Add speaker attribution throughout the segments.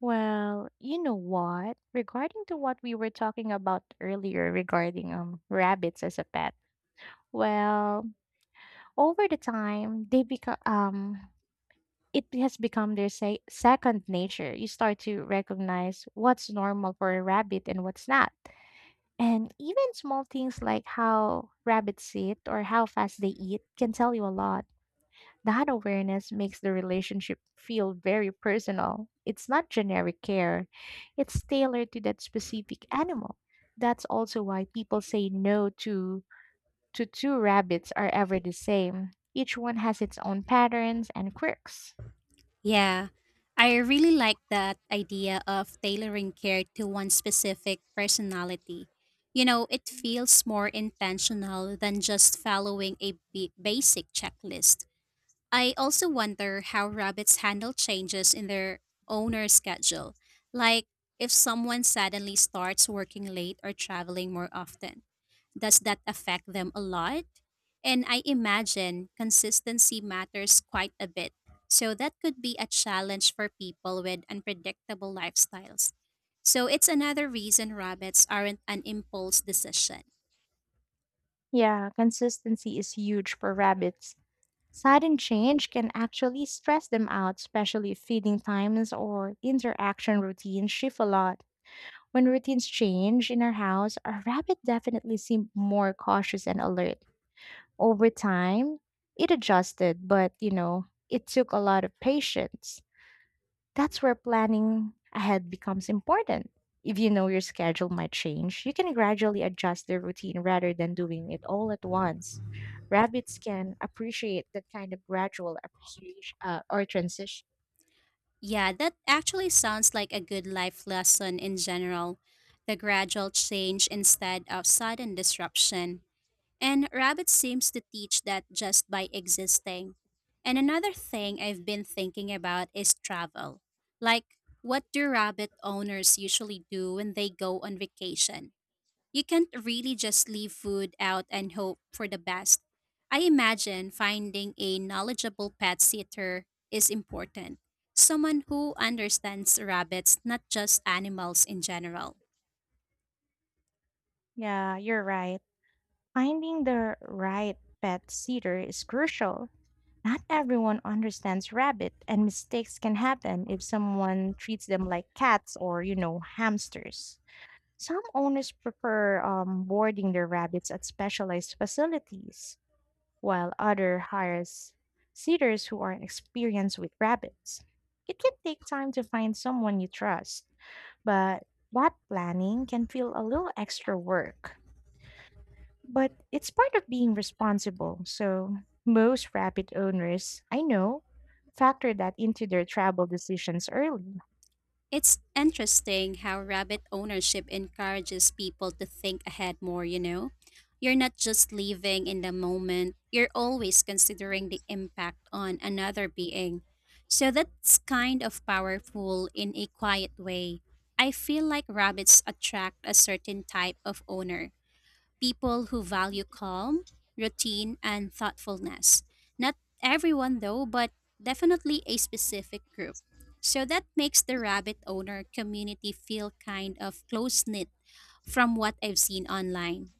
Speaker 1: Well, you know what? Regarding to what we were talking about earlier regarding rabbits as a pet. Well, over the time they become it has become their say second nature. You start to recognize what's normal for a rabbit and what's not. And even small things like how rabbits sit or how fast they eat can tell you a lot. That awareness makes the relationship feel very personal. It's not generic care, it's tailored to that specific animal. That's also why people say no to two rabbits are ever the same. Each one has its own patterns and quirks.
Speaker 2: Yeah, I really like that idea of tailoring care to one specific personality. It feels more intentional than just following a basic checklist. I also wonder how rabbits handle changes in their owner schedule, like if someone suddenly starts working late or traveling more often does that affect them a lot? And I imagine consistency matters quite a bit. So that could be a challenge for people with unpredictable lifestyles. So it's another reason rabbits aren't an impulse decision.
Speaker 1: Yeah, consistency is huge for rabbits. Sudden change can actually stress them out, especially if feeding times or interaction routines shift a lot. When routines change in our house, our rabbit definitely seemed more cautious and alert. Over time, it adjusted, but you know, it took a lot of patience. That's where planning ahead becomes important. If you know your schedule might change, you can gradually adjust the routine rather than doing it all at once. Rabbits can appreciate that kind of gradual appreciation or transition.
Speaker 2: Yeah, that actually sounds like a good life lesson in general, the gradual change instead of sudden disruption. And Rabbit seems to teach that just by existing. And another thing I've been thinking about is travel. Like, what do rabbit owners usually do when they go on vacation? You can't really just leave food out and hope for the best. I imagine finding a knowledgeable pet sitter is important. Someone who understands rabbits, not just animals in general.
Speaker 1: Yeah, you're right. Finding the right pet sitter is crucial. Not everyone understands rabbit, and mistakes can happen if someone treats them like cats or, you know, hamsters. Some owners prefer boarding their rabbits at specialized facilities, while other hires sitters who are experienced with rabbits. It can take time to find someone you trust, but that planning can feel a little extra work. But it's part of being responsible. So most rabbit owners I know factor that into their travel decisions early.
Speaker 2: It's interesting how rabbit ownership encourages people to think ahead more, you know? You're not just living in the moment, you're always considering the impact on another being. So that's kind of powerful in a quiet way. I feel like rabbits attract a certain type of owner, people who value calm, routine, and thoughtfulness. Not everyone, though, but definitely a specific group. So that makes the rabbit owner community feel kind of close knit from what I've seen online.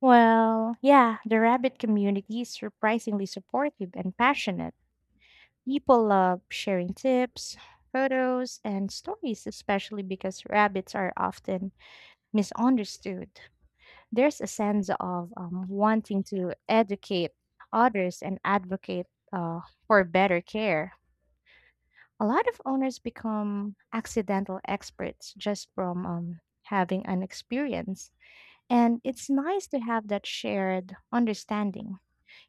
Speaker 1: Well, yeah, the rabbit community is surprisingly supportive and passionate. People love sharing tips, photos, and stories, especially because rabbits are often misunderstood. There's a sense of wanting to educate others and advocate, uh, for better care. A lot of owners become accidental experts just from having an experience. And it's nice to have that shared understanding.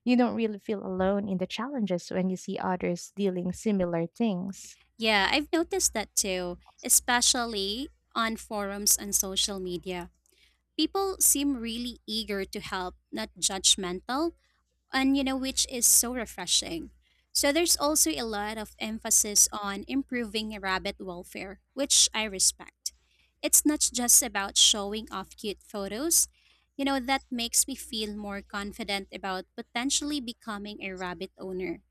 Speaker 1: You don't really feel alone in the challenges when you see others dealing similar things.
Speaker 2: Yeah, I've noticed that too, especially on forums and social media. People seem really eager to help, not judgmental, and you know, which is so refreshing. So there's also a lot of emphasis on improving rabbit welfare, which I respect. It's not just about showing off cute photos, you know? That makes me feel more confident about potentially becoming a rabbit owner,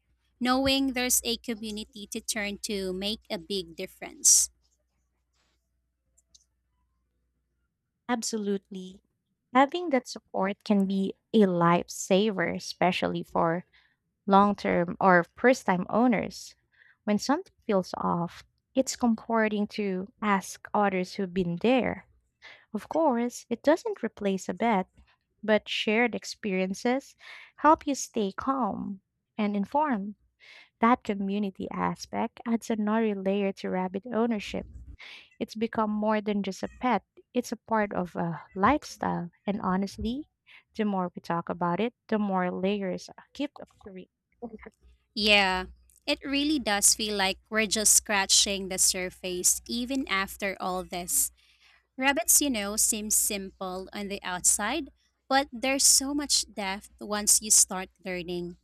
Speaker 2: knowing there's a community to turn to make a big difference.
Speaker 1: Absolutely. Having that support can be a lifesaver, especially for long term or first time owners. When something feels off, it's comforting to ask others who've been there. Of course, it doesn't replace a bet, but shared experiences help you stay calm and informed. That community aspect adds another layer to rabbit ownership. It's become more than just a pet, it's a part of a lifestyle. And honestly, the more we talk about it, the more layers keep appearing.
Speaker 2: Yeah, it really does feel like we're just scratching the surface even after all this. Rabbits, you know, seem simple on the outside, but there's so much depth once you start learning.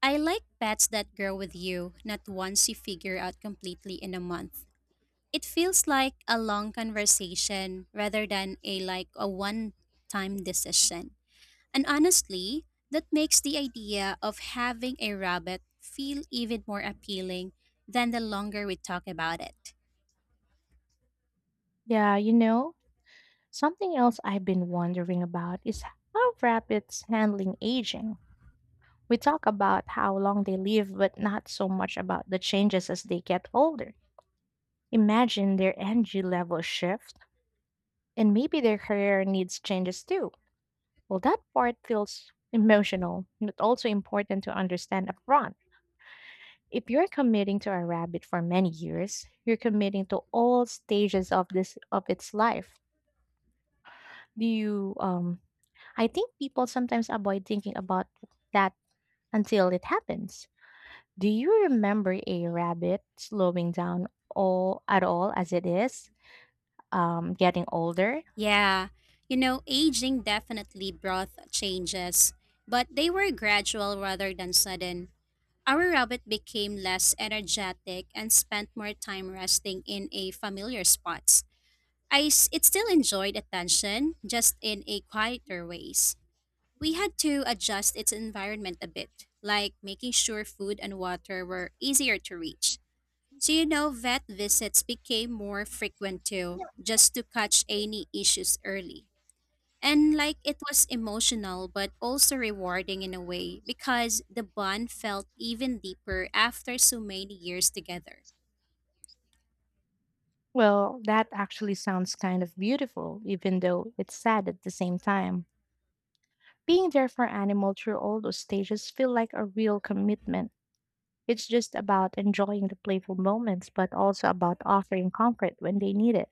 Speaker 2: I like pets that grow with you, not ones you figure out completely in a month. It feels like a long conversation rather than a one-time decision. And honestly, that makes the idea of having a rabbit feel even more appealing than the longer we talk about it.
Speaker 1: Yeah, you know, something else I've been wondering about is how rabbits handling aging. We talk about how long they live, but not so much about the changes as they get older. Imagine their energy level shift. And maybe their career needs changes too. Well, that part feels emotional, but also important to understand upfront. If you're committing to a rabbit for many years, you're committing to all stages of this of its life. Do you I think people sometimes avoid thinking about that until it happens. Do you remember a rabbit slowing down all at all as it is getting older?
Speaker 2: Yeah, you know, aging definitely brought changes, but they were gradual rather than sudden. Our rabbit became less energetic and spent more time resting in a familiar spots. It still enjoyed attention, just in a quieter ways. We had to adjust its environment a bit, like making sure food and water were easier to reach. So you know, vet visits became more frequent too, just to catch any issues early. And like it was emotional, but also rewarding in a way because the bond felt even deeper after so many years together.
Speaker 1: Well, that actually sounds kind of beautiful, even though it's sad at the same time. Being there for animal through all those stages feel like a real commitment. It's just about enjoying the playful moments, but also about offering comfort when they need it.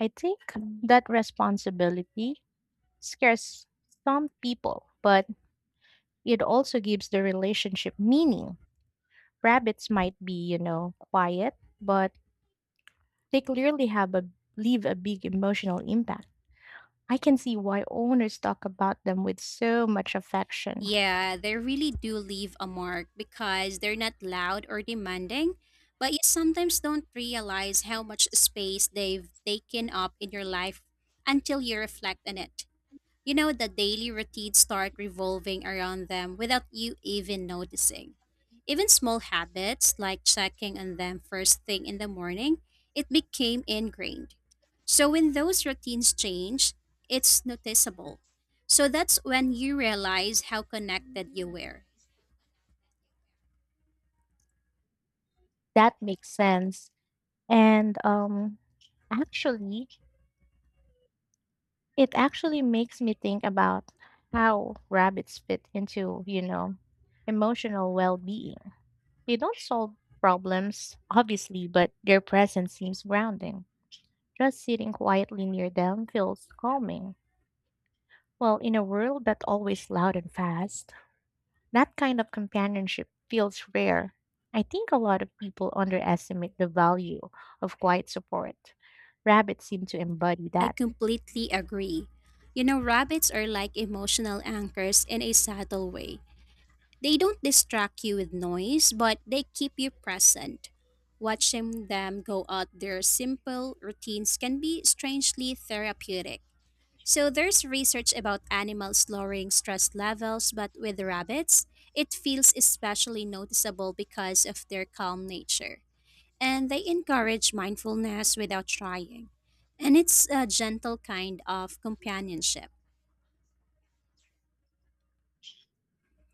Speaker 1: I think that responsibility scares some people, but it also gives the relationship meaning. Rabbits might be, you know, quiet, but they clearly have a leave a big emotional impact. I can see why owners talk about them with so much affection.
Speaker 2: Yeah, they really do leave a mark because they're not loud or demanding, but you sometimes don't realize how much space they've taken up in your life until you reflect on it. You know, the daily routines start revolving around them without you even noticing. Even small habits like checking on them first thing in the morning, it became ingrained. So when those routines change, it's noticeable. So that's when you realize how connected you were.
Speaker 1: That makes sense. And actually, it actually makes me think about how rabbits fit into, you know, emotional well being. They don't solve problems, obviously, but their presence seems grounding. Just sitting quietly near them feels calming. Well, in a world that's always loud and fast, that kind of companionship feels rare. I think a lot of people underestimate the value of quiet support. Rabbits seem to embody
Speaker 2: I
Speaker 1: that.
Speaker 2: completely agree. You know, rabbits are like emotional anchors in a subtle way. They don't distract you with noise, but they keep you present. Watching them go out their simple routines can be strangely therapeutic. So there's research about animals lowering stress levels, but with rabbits, it feels especially noticeable because of their calm nature. And they encourage mindfulness without trying. And it's a gentle kind of companionship.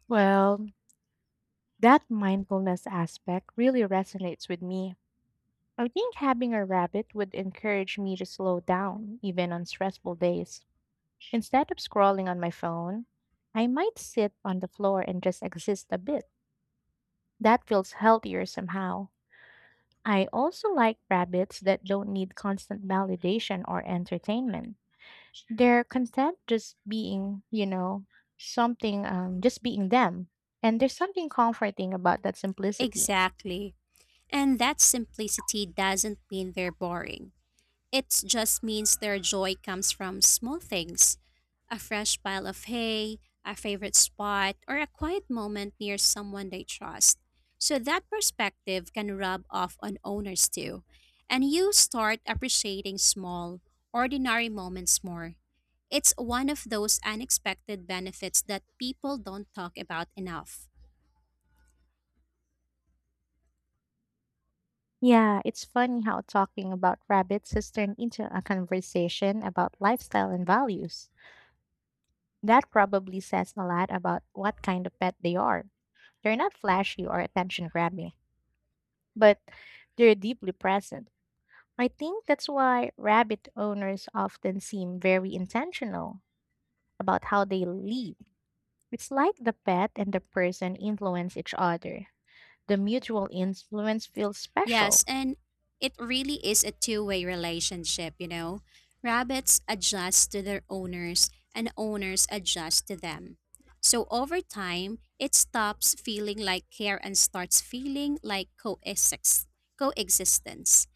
Speaker 1: Well, that mindfulness aspect really resonates with me. I think having a rabbit would encourage me to slow down, even on stressful days. Instead of scrolling on my phone, I might sit on the floor and just exist a bit. That feels healthier somehow. I also like rabbits that don't need constant validation or entertainment. They're content just being, you know, something, just being them. And there's something comforting about that simplicity.
Speaker 2: Exactly. And that simplicity doesn't mean they're boring. It just means their joy comes from small things, a fresh pile of hay, a favorite spot, or a quiet moment near someone they trust. So that perspective can rub off on owners too. And you start appreciating small, ordinary moments more. It's one of those unexpected benefits that people don't talk about enough.
Speaker 1: Yeah, it's funny how talking about rabbits has turned into a conversation about lifestyle and values. That probably says a lot about what kind of pet they are. They're not flashy or attention grabbing, but they're deeply present. I think that's why rabbit owners often seem very intentional about how they lead. It's like the pet and the person influence each other. The mutual influence feels special.
Speaker 2: Yes, and it really is a two-way relationship, you know. Rabbits adjust to their owners, and owners adjust to them. So over time, it stops feeling like care and starts feeling like coexistence.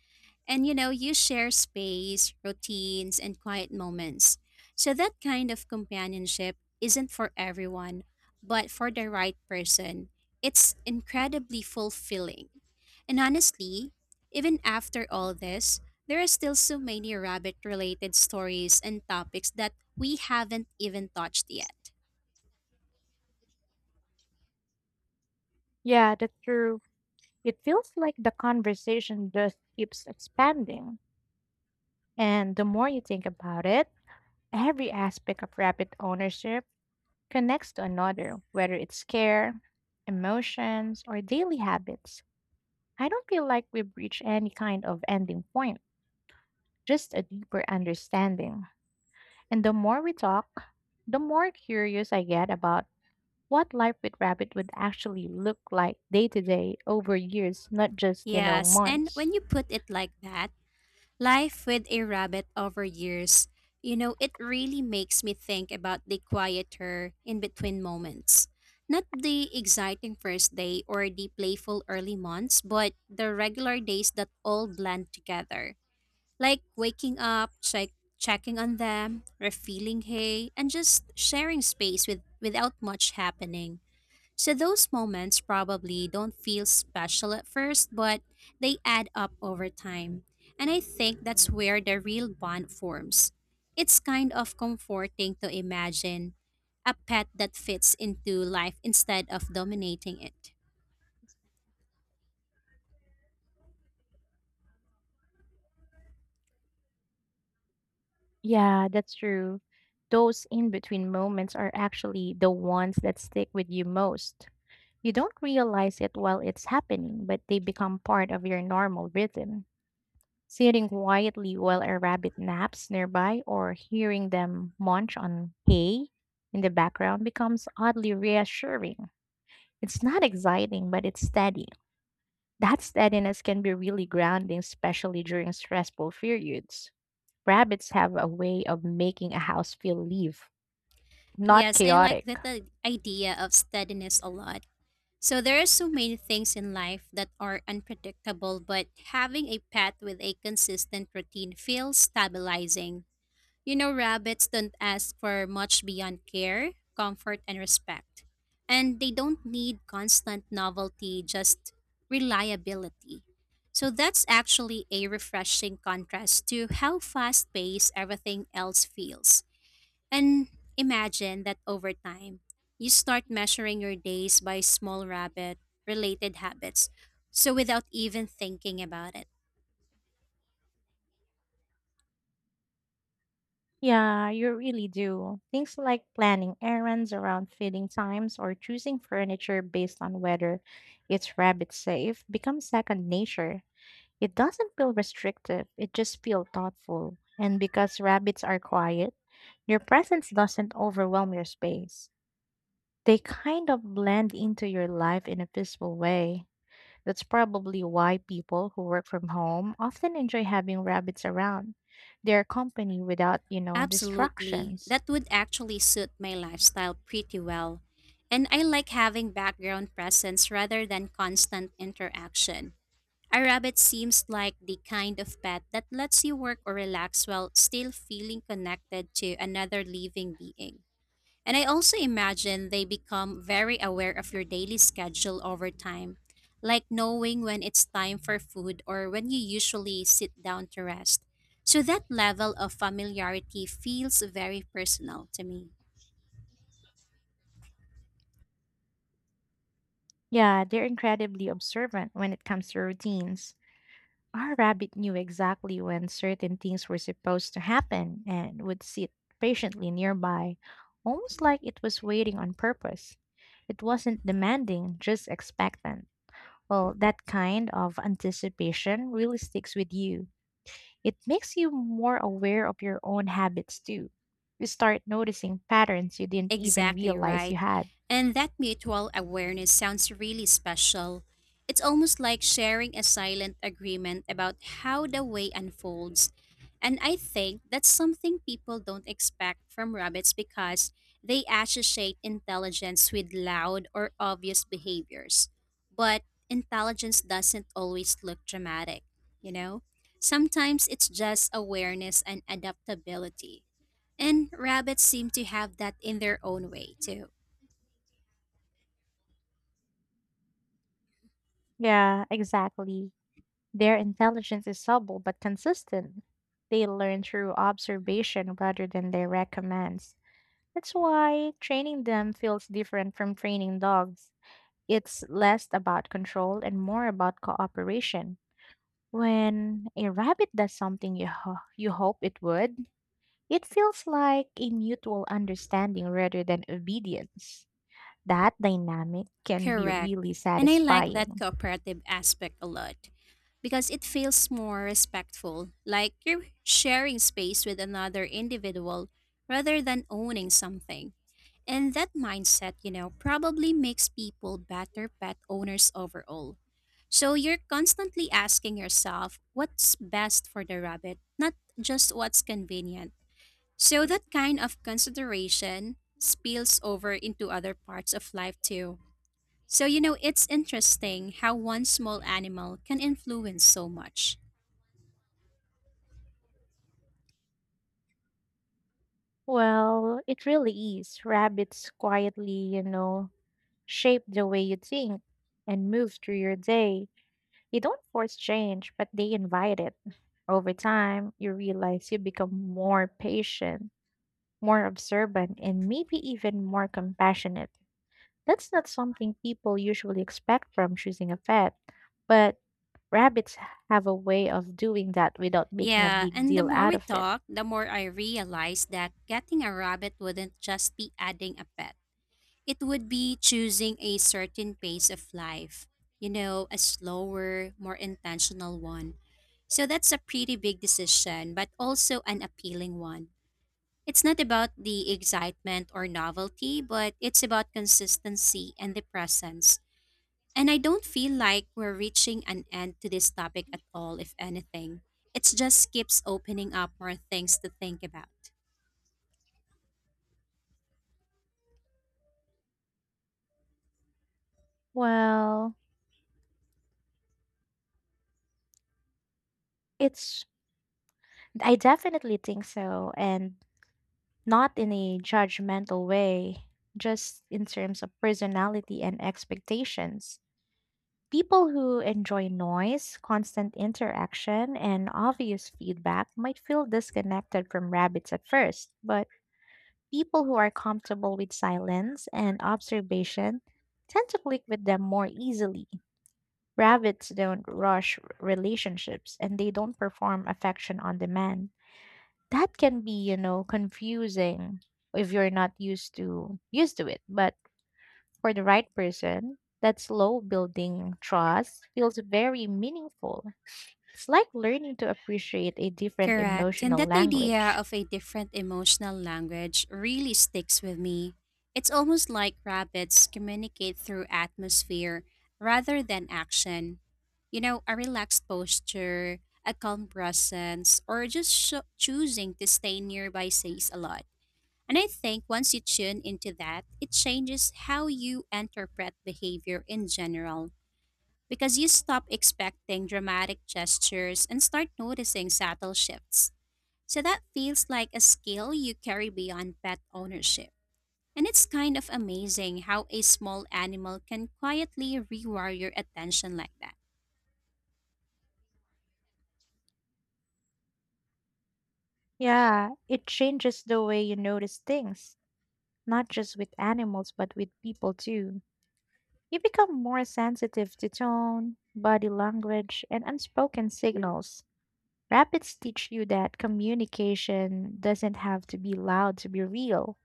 Speaker 2: And you know, you share space, routines, and quiet moments. So that kind of companionship isn't for everyone, but for the right person, it's incredibly fulfilling. And honestly, even after all this, there are still so many rabbit related stories and topics that we haven't even touched yet.
Speaker 1: Yeah, that's true. It feels like the conversation just keeps expanding. And the more you think about it, every aspect of rabbit ownership connects to another, whether it's care, emotions, or daily habits. I don't feel like we've reached any kind of ending point, just a deeper understanding. And the more we talk, the more curious I get about what life with rabbit would actually look like day to day over years, not just, you know,
Speaker 2: Yes, and
Speaker 1: months.
Speaker 2: when you put it like that, life with a rabbit over years, you know, it really makes me think about the quieter in between moments. Not the exciting first day or the playful early months, but the regular days that all blend together. Like waking up, checking on them, refilling hay, and just sharing space with, without much happening. So those moments probably don't feel special at first, but they add up over time. And I think that's where the real bond forms. It's kind of comforting to imagine a pet that fits into life instead of dominating it.
Speaker 1: Yeah, that's true. Those in between moments are actually the ones that stick with you most. You don't realize it while it's happening, but they become part of your normal rhythm. Sitting quietly while a rabbit naps nearby or hearing them munch on hay in the background becomes oddly reassuring. It's not exciting, but it's steady. That steadiness can be really grounding, especially during stressful periods. Rabbits have a way of making a house feel live, not
Speaker 2: Yes, I like
Speaker 1: chaotic.
Speaker 2: that the idea of steadiness a lot. So there are so many things in life that are unpredictable, but having a pet with a consistent routine feels stabilizing. You know, rabbits don't ask for much beyond care, comfort, and respect. And they don't need constant novelty, just reliability. So that's actually a refreshing contrast to how fast paced everything else feels. And imagine that over time, you start measuring your days by small rabbit related habits. So without even thinking about it.
Speaker 1: Yeah, you really do. Things like planning errands around feeding times or choosing furniture based on whether it's rabbit safe become second nature. It doesn't feel restrictive, it just feels thoughtful. And because rabbits are quiet, their presence doesn't overwhelm your space. They kind of blend into your life in a peaceful way. That's probably why people who work from home often enjoy having rabbits around. Their company without, you know,
Speaker 2: Absolutely.
Speaker 1: distractions.
Speaker 2: That would actually suit my lifestyle pretty well. And I like having background presence rather than constant interaction. A rabbit seems like the kind of pet that lets you work or relax while still feeling connected to another living being. And I also imagine they become very aware of your daily schedule over time, like knowing when it's time for food or when you usually sit down to rest. So that level of familiarity feels very personal to me.
Speaker 1: Yeah, they're incredibly observant when it comes to routines. Our rabbit knew exactly when certain things were supposed to happen and would sit patiently nearby, almost like it was waiting on purpose. It wasn't demanding, just expectant. Well, that kind of anticipation really sticks with you. It makes you more aware of your own habits too. You start noticing patterns you didn't even
Speaker 2: Exactly
Speaker 1: realize
Speaker 2: right.
Speaker 1: you had.
Speaker 2: And that mutual awareness sounds really special. It's almost like sharing a silent agreement about how the way unfolds. And I think that's something people don't expect from rabbits because they associate intelligence with loud or obvious behaviors. But intelligence doesn't always look dramatic, you know? Sometimes it's just awareness and adaptability. And rabbits seem to have that in their own way, too.
Speaker 1: Yeah, exactly. Their intelligence is subtle but consistent. They learn through observation rather than direct commands. That's why training them feels different from training dogs. It's less about control and more about cooperation. When a rabbit does something you hope it would, it feels like a mutual understanding rather than obedience. That dynamic can be
Speaker 2: Correct.
Speaker 1: really
Speaker 2: And I like that
Speaker 1: satisfying.
Speaker 2: cooperative aspect a lot because it feels more respectful, like you're sharing space with another individual rather than owning something. And that mindset, you know, probably makes people better pet owners overall. So you're constantly asking yourself what's best for the rabbit, not just what's convenient. So that kind of consideration spills over into other parts of life too. So, you know, it's interesting how one small animal can influence so much.
Speaker 1: Well, it really is. Rabbits quietly, you know, shape the way you think and move through your day. You don't force change, but they invite it. Over time, you realize you become more patient, more observant, and maybe even more compassionate. That's not something people usually expect from choosing a pet, but rabbits have a way of doing that without making a
Speaker 2: Yeah,
Speaker 1: big
Speaker 2: and the
Speaker 1: deal
Speaker 2: more
Speaker 1: out
Speaker 2: we
Speaker 1: of it.
Speaker 2: talk, the more I realize that getting a rabbit wouldn't just be adding a pet. It would be choosing a certain pace of life, you know, a slower, more intentional one. So that's a pretty big decision, but also an appealing one. It's not about the excitement or novelty, but it's about consistency and the presence. And I don't feel like we're reaching an end to this topic at all, if anything. It just keeps opening up more things to think about.
Speaker 1: Well, it's I definitely think so, and not in a judgmental way, just in terms of personality and expectations. People who enjoy noise, constant interaction, and obvious feedback might feel disconnected from rabbits at first, but people who are comfortable with silence and observation tend to click with them more easily. Rabbits don't rush relationships and they don't perform affection on demand. That can be, you know, confusing if you're not used to used to it, but for the right person, that slow building trust feels very meaningful. It's like learning to appreciate a different
Speaker 2: Correct. And
Speaker 1: emotional
Speaker 2: that idea
Speaker 1: language.
Speaker 2: of a different emotional language really sticks with me. It's almost like rabbits communicate through atmosphere rather than action. You know, a relaxed posture, a calm presence, or just sho choosing to stay nearby says a lot. And I think once you tune into that, it changes how you interpret behavior in general because you stop expecting dramatic gestures and start noticing subtle shifts. So that feels like a skill you carry beyond pet ownership. And it's kind of amazing how a small animal can quietly rewire your attention like that.
Speaker 1: Yeah, it changes the way you notice things, not just with animals, but with people too. You become more sensitive to tone, body language, and unspoken signals. Rapids teach you that communication doesn't have to be loud to be real.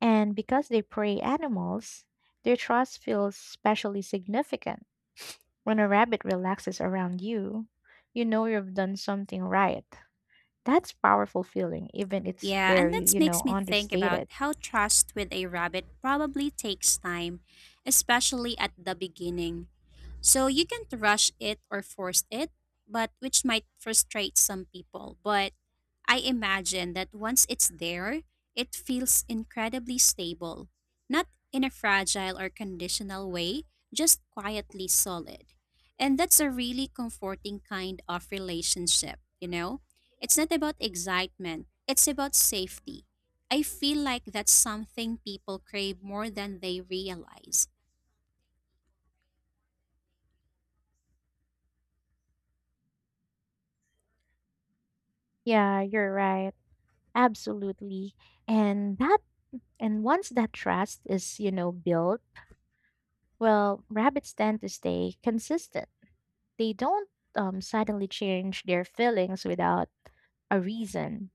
Speaker 1: And because they prey animals, their trust feels especially significant. When a rabbit relaxes around you, you know you've done something right. That's powerful feeling, even it's
Speaker 2: Yeah, and
Speaker 1: very,
Speaker 2: that
Speaker 1: you know,
Speaker 2: makes me think about
Speaker 1: understated.
Speaker 2: how trust with a rabbit probably takes time, especially at the beginning. So you can't rush it or force it, but which might frustrate some people. But I imagine that once it's there, it feels incredibly stable. Not in a fragile or conditional way, just quietly solid. And that's a really comforting kind of relationship, you know? It's not about excitement, it's about safety. I feel like that's something people crave more than they realize.
Speaker 1: Yeah, you're right. Absolutely. And that and once that trust is, you know, built, well, rabbits tend to stay consistent. They don't suddenly change their feelings without a reason.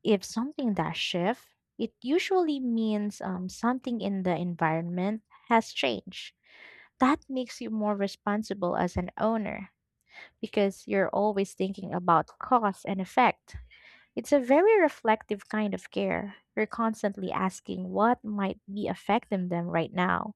Speaker 1: If something does shift, it usually means something in the environment has changed. That makes you more responsible as an owner because you're always thinking about cause and effect. It's a very reflective kind of care. You're constantly asking what might be affecting them right now.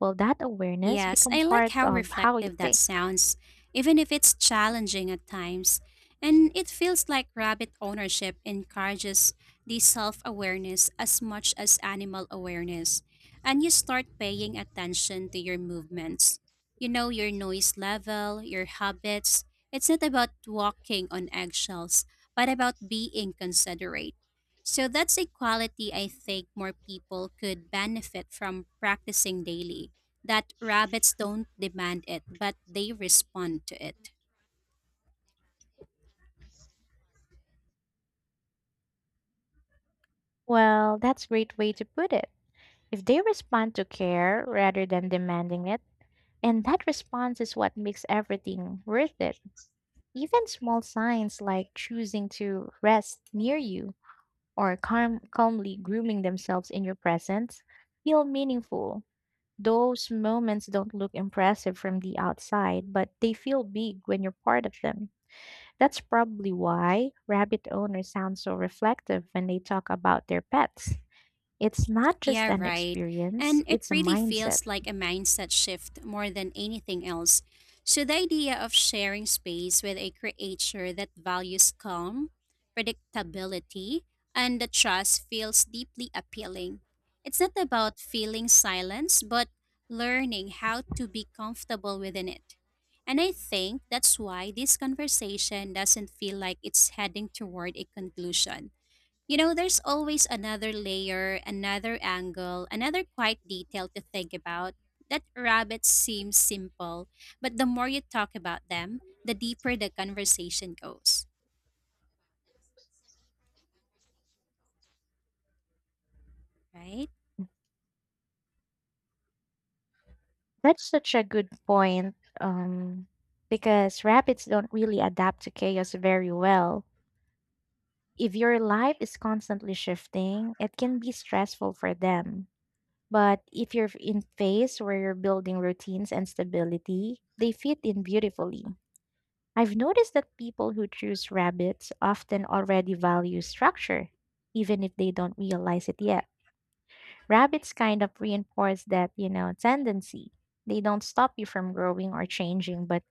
Speaker 1: Will that awareness
Speaker 2: Yes,
Speaker 1: become
Speaker 2: I like
Speaker 1: part
Speaker 2: how
Speaker 1: of how you
Speaker 2: reflective that
Speaker 1: think?
Speaker 2: sounds, even if it's challenging at times. And it feels like rabbit ownership encourages the self awareness as much as animal awareness. And you start paying attention to your movements. You know your noise level, your habits. It's not about walking on eggshells, but about being considerate. So that's a quality I think more people could benefit from practicing daily, that rabbits don't demand it, but they respond to it.
Speaker 1: Well, that's a great way to put it. If they respond to care rather than demanding it, and that response is what makes everything worth it. Even small signs like choosing to rest near you or calmly grooming themselves in your presence feel meaningful. Those moments don't look impressive from the outside, but they feel big when you're part of them. That's probably why rabbit owners sound so reflective when they talk about their pets. It's not just
Speaker 2: Yeah,
Speaker 1: an
Speaker 2: right.
Speaker 1: experience,
Speaker 2: And it
Speaker 1: it's a
Speaker 2: really
Speaker 1: mindset.
Speaker 2: feels like a mindset shift more than anything else. So, the idea of sharing space with a creature that values calm, predictability, and the trust feels deeply appealing. It's not about feeling silence, but learning how to be comfortable within it. And I think that's why this conversation doesn't feel like it's heading toward a conclusion. You know, there's always another layer, another angle, another quiet detail to think about. That rabbits seem simple, but the more you talk about them, the deeper the conversation goes, right?
Speaker 1: That's such a good point, because rabbits don't really adapt to chaos very well. If your life is constantly shifting, it can be stressful for them. But if you're in phase where you're building routines and stability, they fit in beautifully. I've noticed that people who choose rabbits often already value structure, even if they don't realize it yet. Rabbits kind of reinforce that, you know, tendency. They don't stop you from growing or changing, but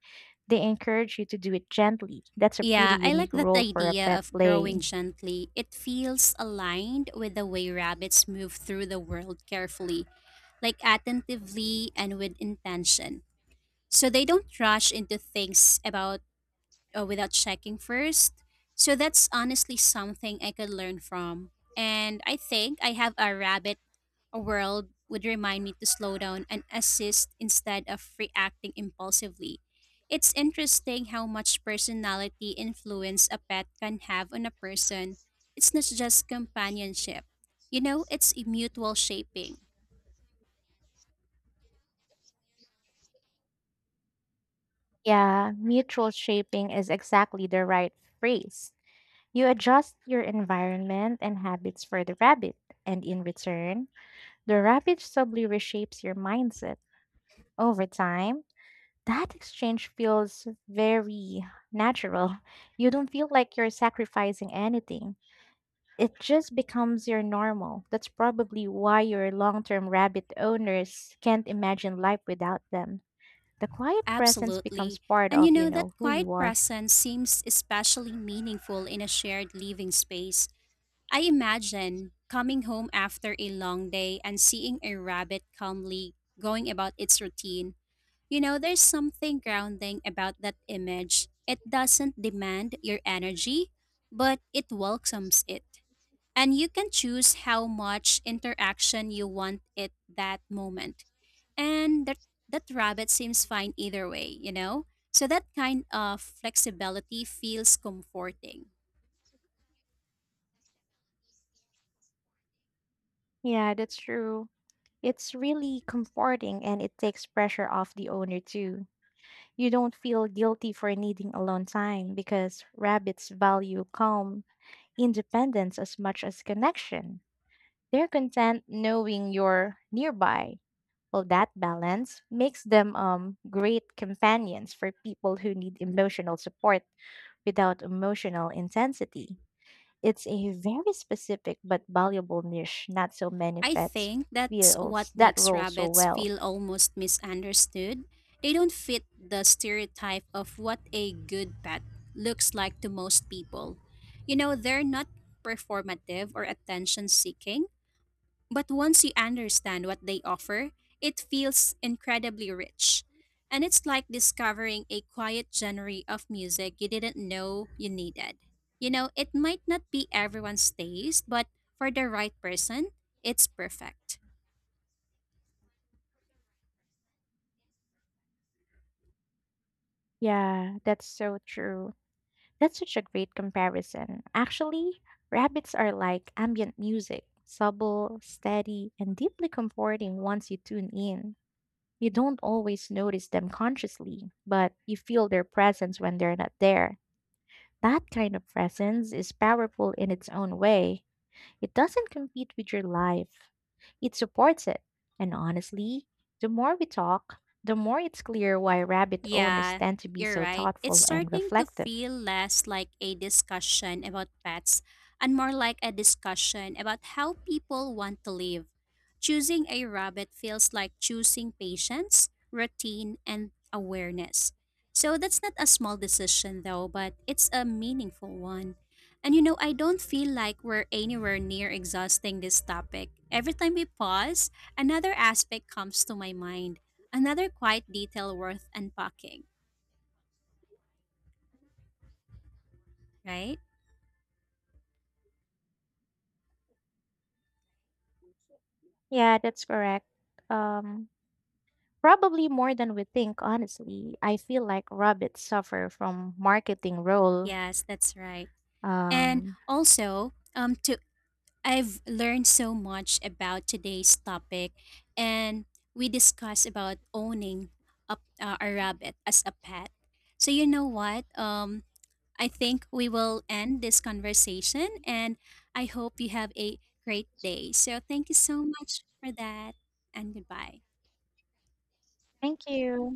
Speaker 1: they encourage you to do it gently. That's a pretty
Speaker 2: Yeah, I like
Speaker 1: unique
Speaker 2: that
Speaker 1: role for a
Speaker 2: idea
Speaker 1: pet
Speaker 2: of growing
Speaker 1: play.
Speaker 2: gently. It feels aligned with the way rabbits move through the world carefully, like attentively and with intention. So they don't rush into things about without checking first. So that's honestly something I could learn from. And I think I have a rabbit, a world would remind me to slow down and assist instead of reacting impulsively. It's interesting how much personality influence a pet can have on a person. It's not just companionship. You know, it's a mutual shaping.
Speaker 1: Yeah, mutual shaping is exactly the right phrase. You adjust your environment and habits for the rabbit, and in return, the rabbit subtly reshapes your mindset. Over time, that exchange feels very natural. You don't feel like you're sacrificing anything. It just becomes your normal. That's probably why your long term rabbit owners can't imagine life without them. The quiet presence becomes
Speaker 2: Absolutely.
Speaker 1: part
Speaker 2: And you
Speaker 1: of, you
Speaker 2: know,
Speaker 1: know,
Speaker 2: that
Speaker 1: who
Speaker 2: quiet
Speaker 1: you are.
Speaker 2: presence seems especially meaningful in a shared living space. I imagine coming home after a long day and seeing a rabbit calmly going about its routine. You know, there's something grounding about that image. It doesn't demand your energy, but it welcomes it. And you can choose how much interaction you want at that moment. And that rabbit seems fine either way, you know? So that kind of flexibility feels comforting.
Speaker 1: Yeah, that's true. It's really comforting and it takes pressure off the owner too. You don't feel guilty for needing alone time because rabbits value calm, independence as much as connection. They're content knowing you're nearby. Well, that balance makes them great companions for people who need emotional support without emotional intensity. It's a very specific but valuable niche. Not so many
Speaker 2: I
Speaker 1: vets
Speaker 2: think that's what
Speaker 1: fills that
Speaker 2: makes
Speaker 1: role so
Speaker 2: rabbits
Speaker 1: well.
Speaker 2: feel almost misunderstood. They don't fit the stereotype of what a good pet looks like to most people. You know, they're not performative or attention seeking. But once you understand what they offer, it feels incredibly rich. And it's like discovering a quiet genre of music you didn't know you needed. You know, it might not be everyone's taste, but for the right person, it's perfect.
Speaker 1: Yeah, that's so true. That's such a great comparison. Actually, rabbits are like ambient music, subtle, steady, and deeply comforting once you tune in. You don't always notice them consciously, but you feel their presence when they're not there. That kind of presence is powerful in its own way. It doesn't compete with your life, it supports it. And honestly, the more we talk, the more it's clear why rabbit owners
Speaker 2: Yeah,
Speaker 1: tend to be
Speaker 2: you're
Speaker 1: so
Speaker 2: right. It's
Speaker 1: thoughtful and
Speaker 2: starting to
Speaker 1: reflective.
Speaker 2: feel less like a discussion about pets and more like a discussion about how people want to live. Choosing a rabbit feels like choosing patience, routine, and awareness. So that's not a small decision though, but it's a meaningful one. And you know, I don't feel like we're anywhere near exhausting this topic. Every time we pause, another aspect comes to my mind. Another quiet detail worth unpacking, right?
Speaker 1: Yeah, that's correct. Um, Probably more than we think, honestly. I feel like rabbits suffer from marketing role.
Speaker 2: Yes, that's right. And
Speaker 1: Um,
Speaker 2: also, to I've learned so much about today's topic, and we discussed about owning a rabbit as a pet. So you know what? I think we will end this conversation, and I hope you have a great day. So thank you so much for that, and goodbye.
Speaker 1: thank you.